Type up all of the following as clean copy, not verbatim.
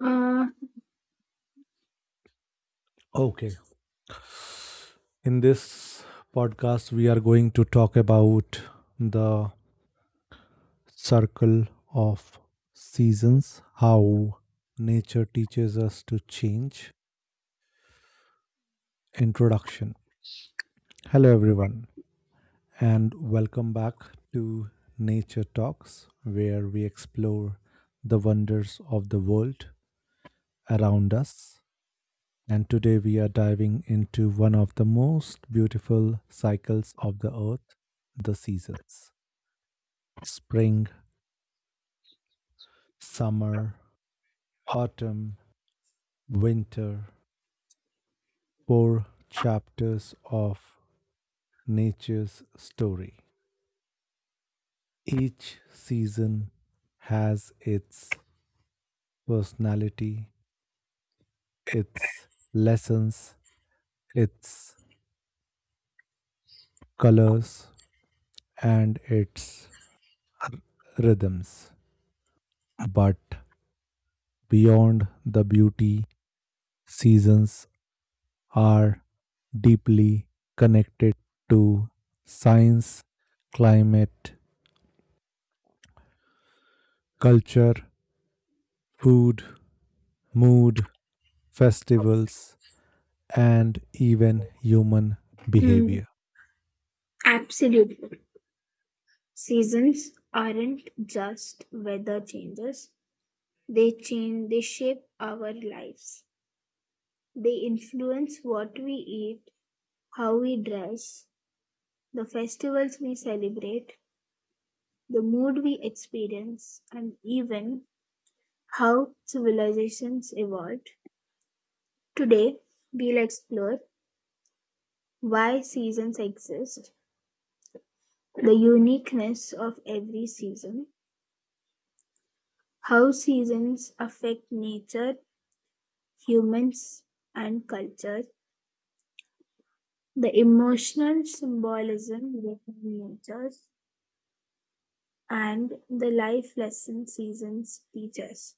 Uh, Okay. In this podcast, we are going to talk about the circle of seasons, how nature teaches us to change. Introduction. Hello, everyone, and welcome back to Nature Talks, where we explore the wonders of the world around us. And today we are diving into one of the most beautiful cycles of the earth, the seasons. Spring, summer, autumn, winter, four chapters of nature's story. Each season has its personality, its lessons, its colors, and its rhythms. But beyond the beauty, seasons are deeply connected to science, climate, culture, food, mood, festivals, and even human mm, behavior. Absolutely. Seasons aren't just weather changes. They shape our lives. They influence what we eat, how we dress, the festivals we celebrate, the mood we experience, and even how civilizations evolved. Today, we'll explore why seasons exist, the uniqueness of every season, how seasons affect nature, humans, and culture, the emotional symbolism within nature, and the life lesson seasons teach us.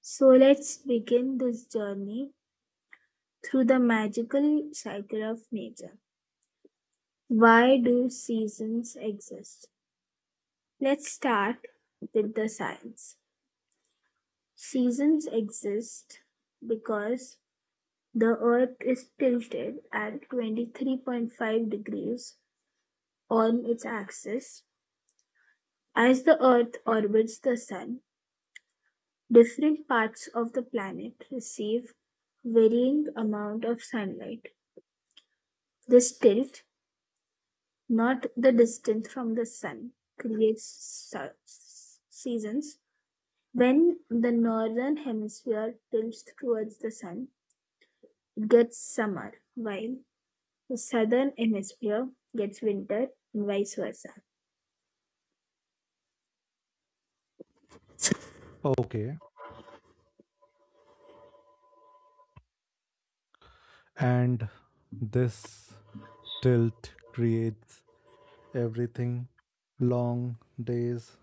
So let's begin this journey through the magical cycle of nature. Why do seasons exist? Let's start with the science. Seasons exist because the Earth is tilted at 23.5 degrees on its axis. As the Earth orbits the Sun, different parts of the planet receive varying amount of sunlight. This tilt, not the distance from the Sun, creates seasons. When the northern hemisphere tilts towards the sun, it gets summer, while the southern hemisphere gets winter, and vice versa. Okay, and this tilt creates everything: long days,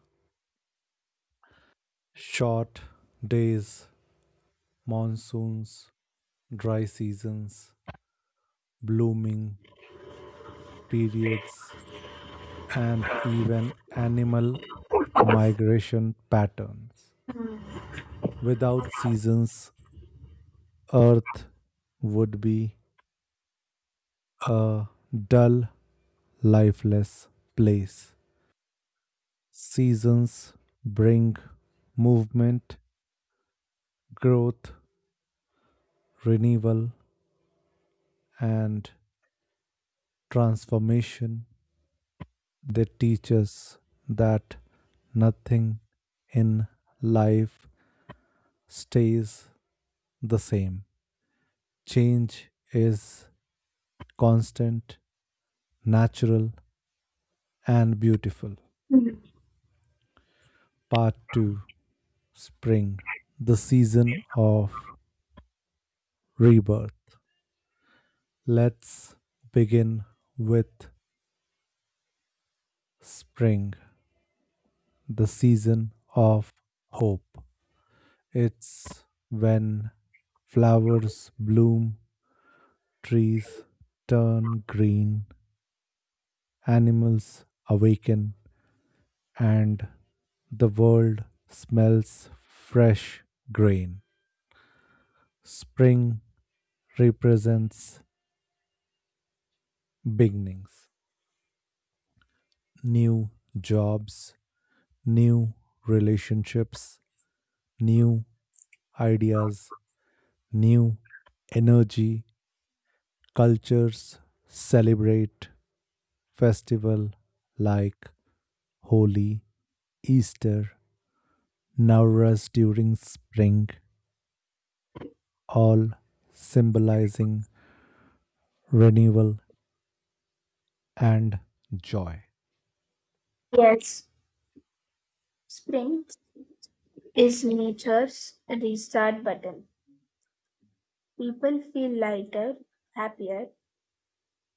short days, monsoons, dry seasons, blooming periods, and even animal migration patterns. Without seasons, Earth would be a dull, lifeless place. Seasons bring movement, growth, renewal, and transformation. They teach us that nothing in life stays the same. Change is constant, natural, and beautiful. Mhm. Part 2. Spring, the season of rebirth. Let's begin with spring, the season of hope. It's when flowers bloom, trees turn green, animals awaken, and the world smells fresh grain. Spring represents beginnings, new jobs, new relationships, new ideas, new energy. Cultures celebrate festival like Holi, Easter, Navras during spring, all symbolizing renewal and joy. Yes, spring is nature's restart button. People feel lighter, happier,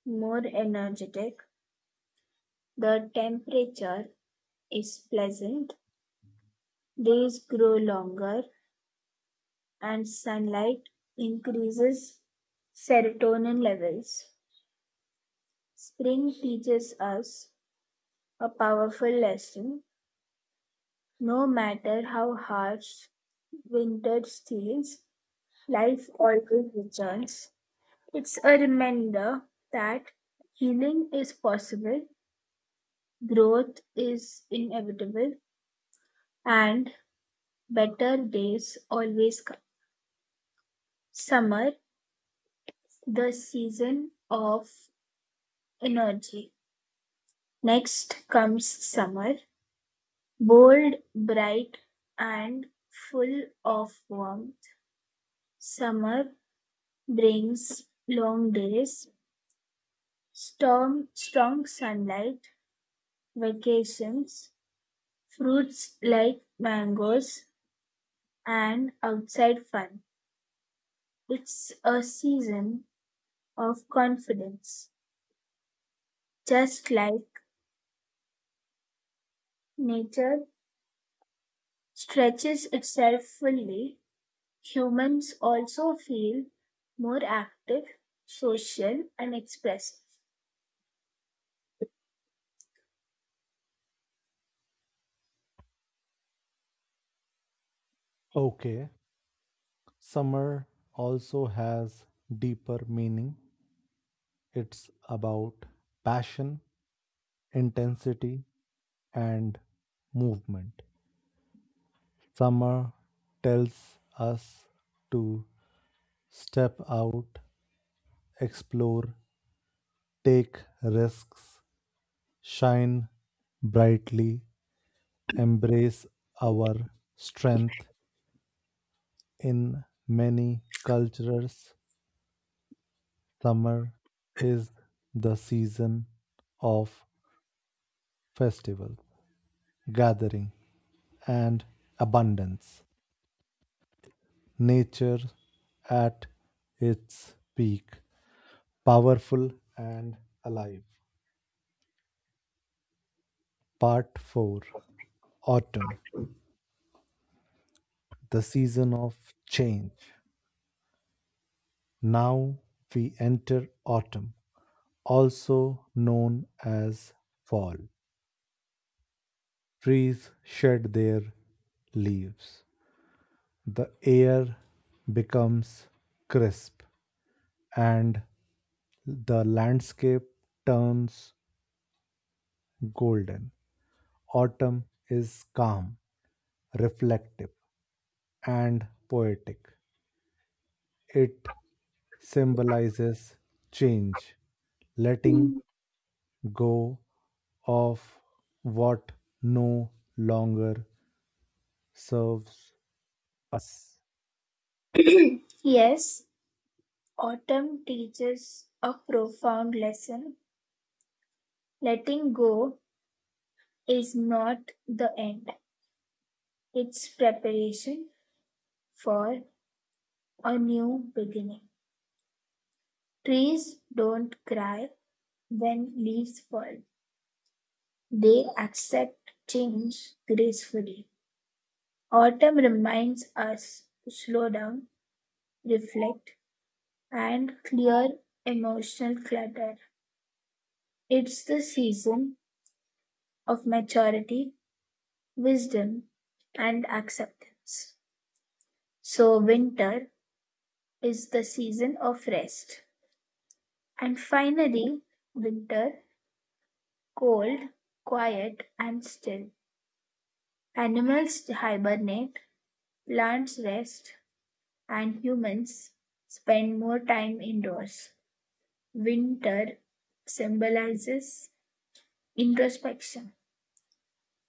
more energetic. The temperature is pleasant, days grow longer, and sunlight increases serotonin levels. Spring teaches us a powerful lesson. No matter how harsh winter feels. Life always returns. It's a reminder that healing is possible, growth is inevitable, and better days always come. Summer, the season of energy. Next comes summer, bold, bright, and full of warmth. Summer brings long days, storm, strong sunlight, vacations, fruits like mangoes and outside fun. It's a season of confidence. Just like nature stretches itself fully, humans also feel more active, social, and expressive. Okay, summer also has deeper meaning. It's about passion, intensity, and movement. Summer tells us to step out, explore, take risks, shine brightly, embrace our strength. In many cultures, summer is the season of festival, gathering, and abundance. Nature at its peak, powerful and alive. Part 4. Autumn, the season of change. Now we enter autumn, also known as fall. Trees shed their leaves. The air becomes crisp and the landscape turns golden. Autumn is calm, reflective, and poetic. It symbolizes change, letting Hmm. go of what no longer serves us. Yes, autumn teaches a profound lesson. Letting go is not the end, it's preparation for a new beginning. Trees don't cry when leaves fall, they accept change gracefully. Autumn reminds us to slow down, reflect, and clear emotional clutter. It's the season of maturity, wisdom, and acceptance. So, winter is the season of rest. And finally, winter, cold, quiet, and still. Animals hibernate, plants rest, and humans spend more time indoors. Winter symbolizes introspection.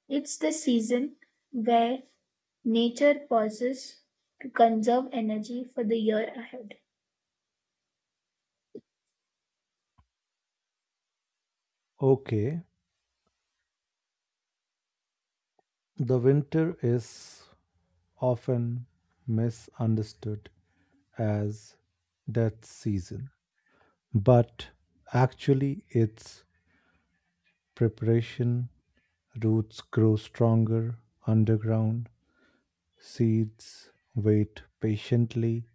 It's the season where nature pauses to conserve energy for the year ahead. Okay, the winter is often misunderstood as death season, but actually its preparation. Roots grow stronger underground. Seeds wait patiently.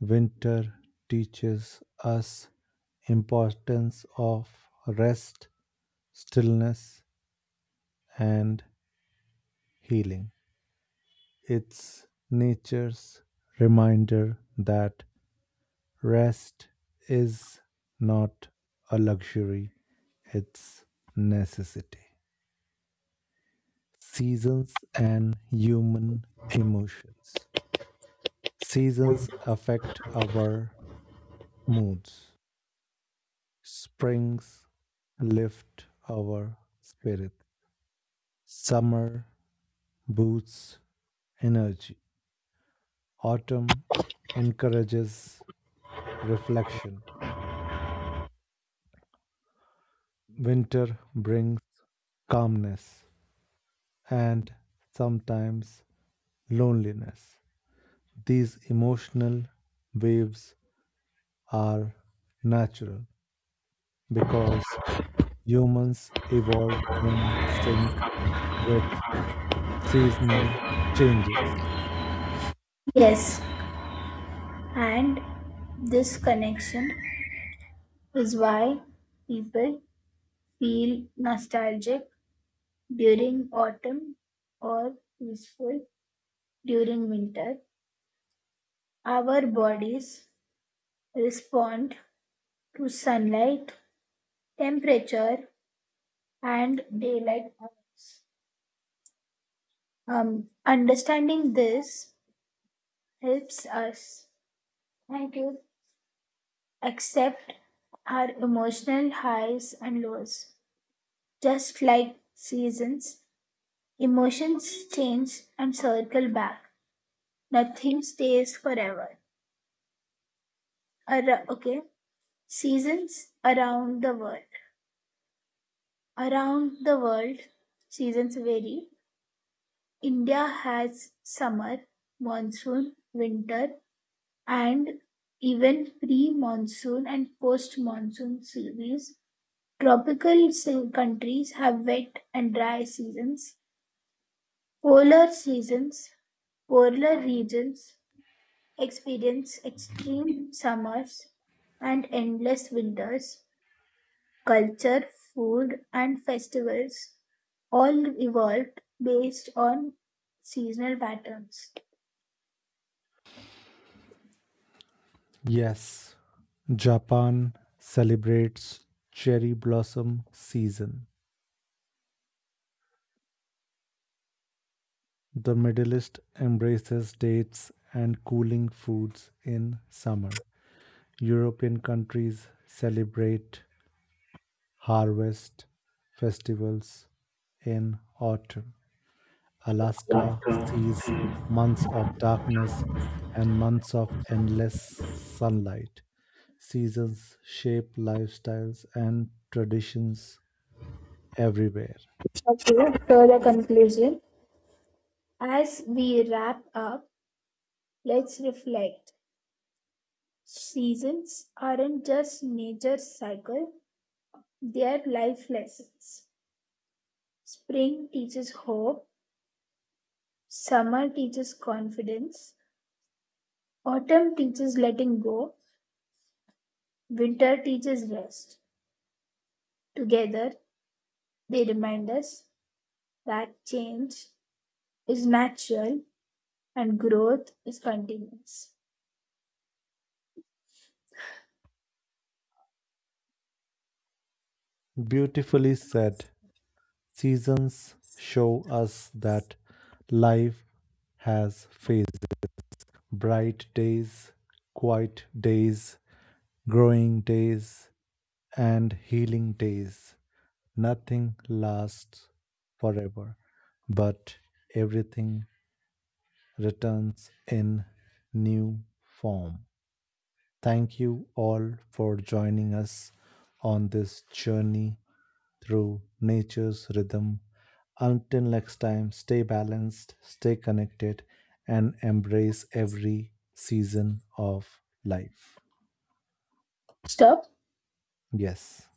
Winter teaches us importance of rest, stillness and healing. It's nature's reminder that rest is not a luxury, it's necessity. Seasons and human emotions. Seasons affect our moods. Springs lift our spirit. Summer boosts energy. Autumn encourages reflection. Winter brings calmness and sometimes loneliness. These emotional waves are natural because humans evolved in sync with seasonal changes. Yes, and this connection is why people feel nostalgic during autumn or wistful during winter. Our bodies respond to sunlight, temperature, and daylight hours. Understanding this helps us, thank you, accept our emotional highs and lows. Just like seasons, emotions change and circle back. Nothing stays forever. Okay, seasons around the world. Around the world, seasons vary. India has summer, monsoon, winter, and even pre-monsoon and post-monsoon seasons. Tropical countries have wet and dry seasons. Polar seasons, polar regions experience extreme summers and endless winters. Culture, food, and festivals all evolved based on seasonal patterns. Yes, Japan celebrates cherry blossom season. The Middle East embraces dates and cooling foods in summer. European countries celebrate harvest festivals in autumn. Alaska Okay, sees months of darkness and months of endless sunlight. Seasons shape lifestyles and traditions everywhere. so the conclusion. As we wrap up, let's reflect. Seasons aren't just nature's cycle, they're life lessons. Spring teaches hope, summer teaches confidence, autumn teaches letting go, winter teaches rest. Together, they remind us that change is natural and growth is continuous. Beautifully said. Seasons show us that life has phases: bright days, quiet days, growing days, and healing days. Nothing lasts forever, but everything returns in new form. Thank you all for joining us on this journey through nature's rhythm. Until next time, stay balanced, stay connected, and embrace every season of life. Stop. Yes.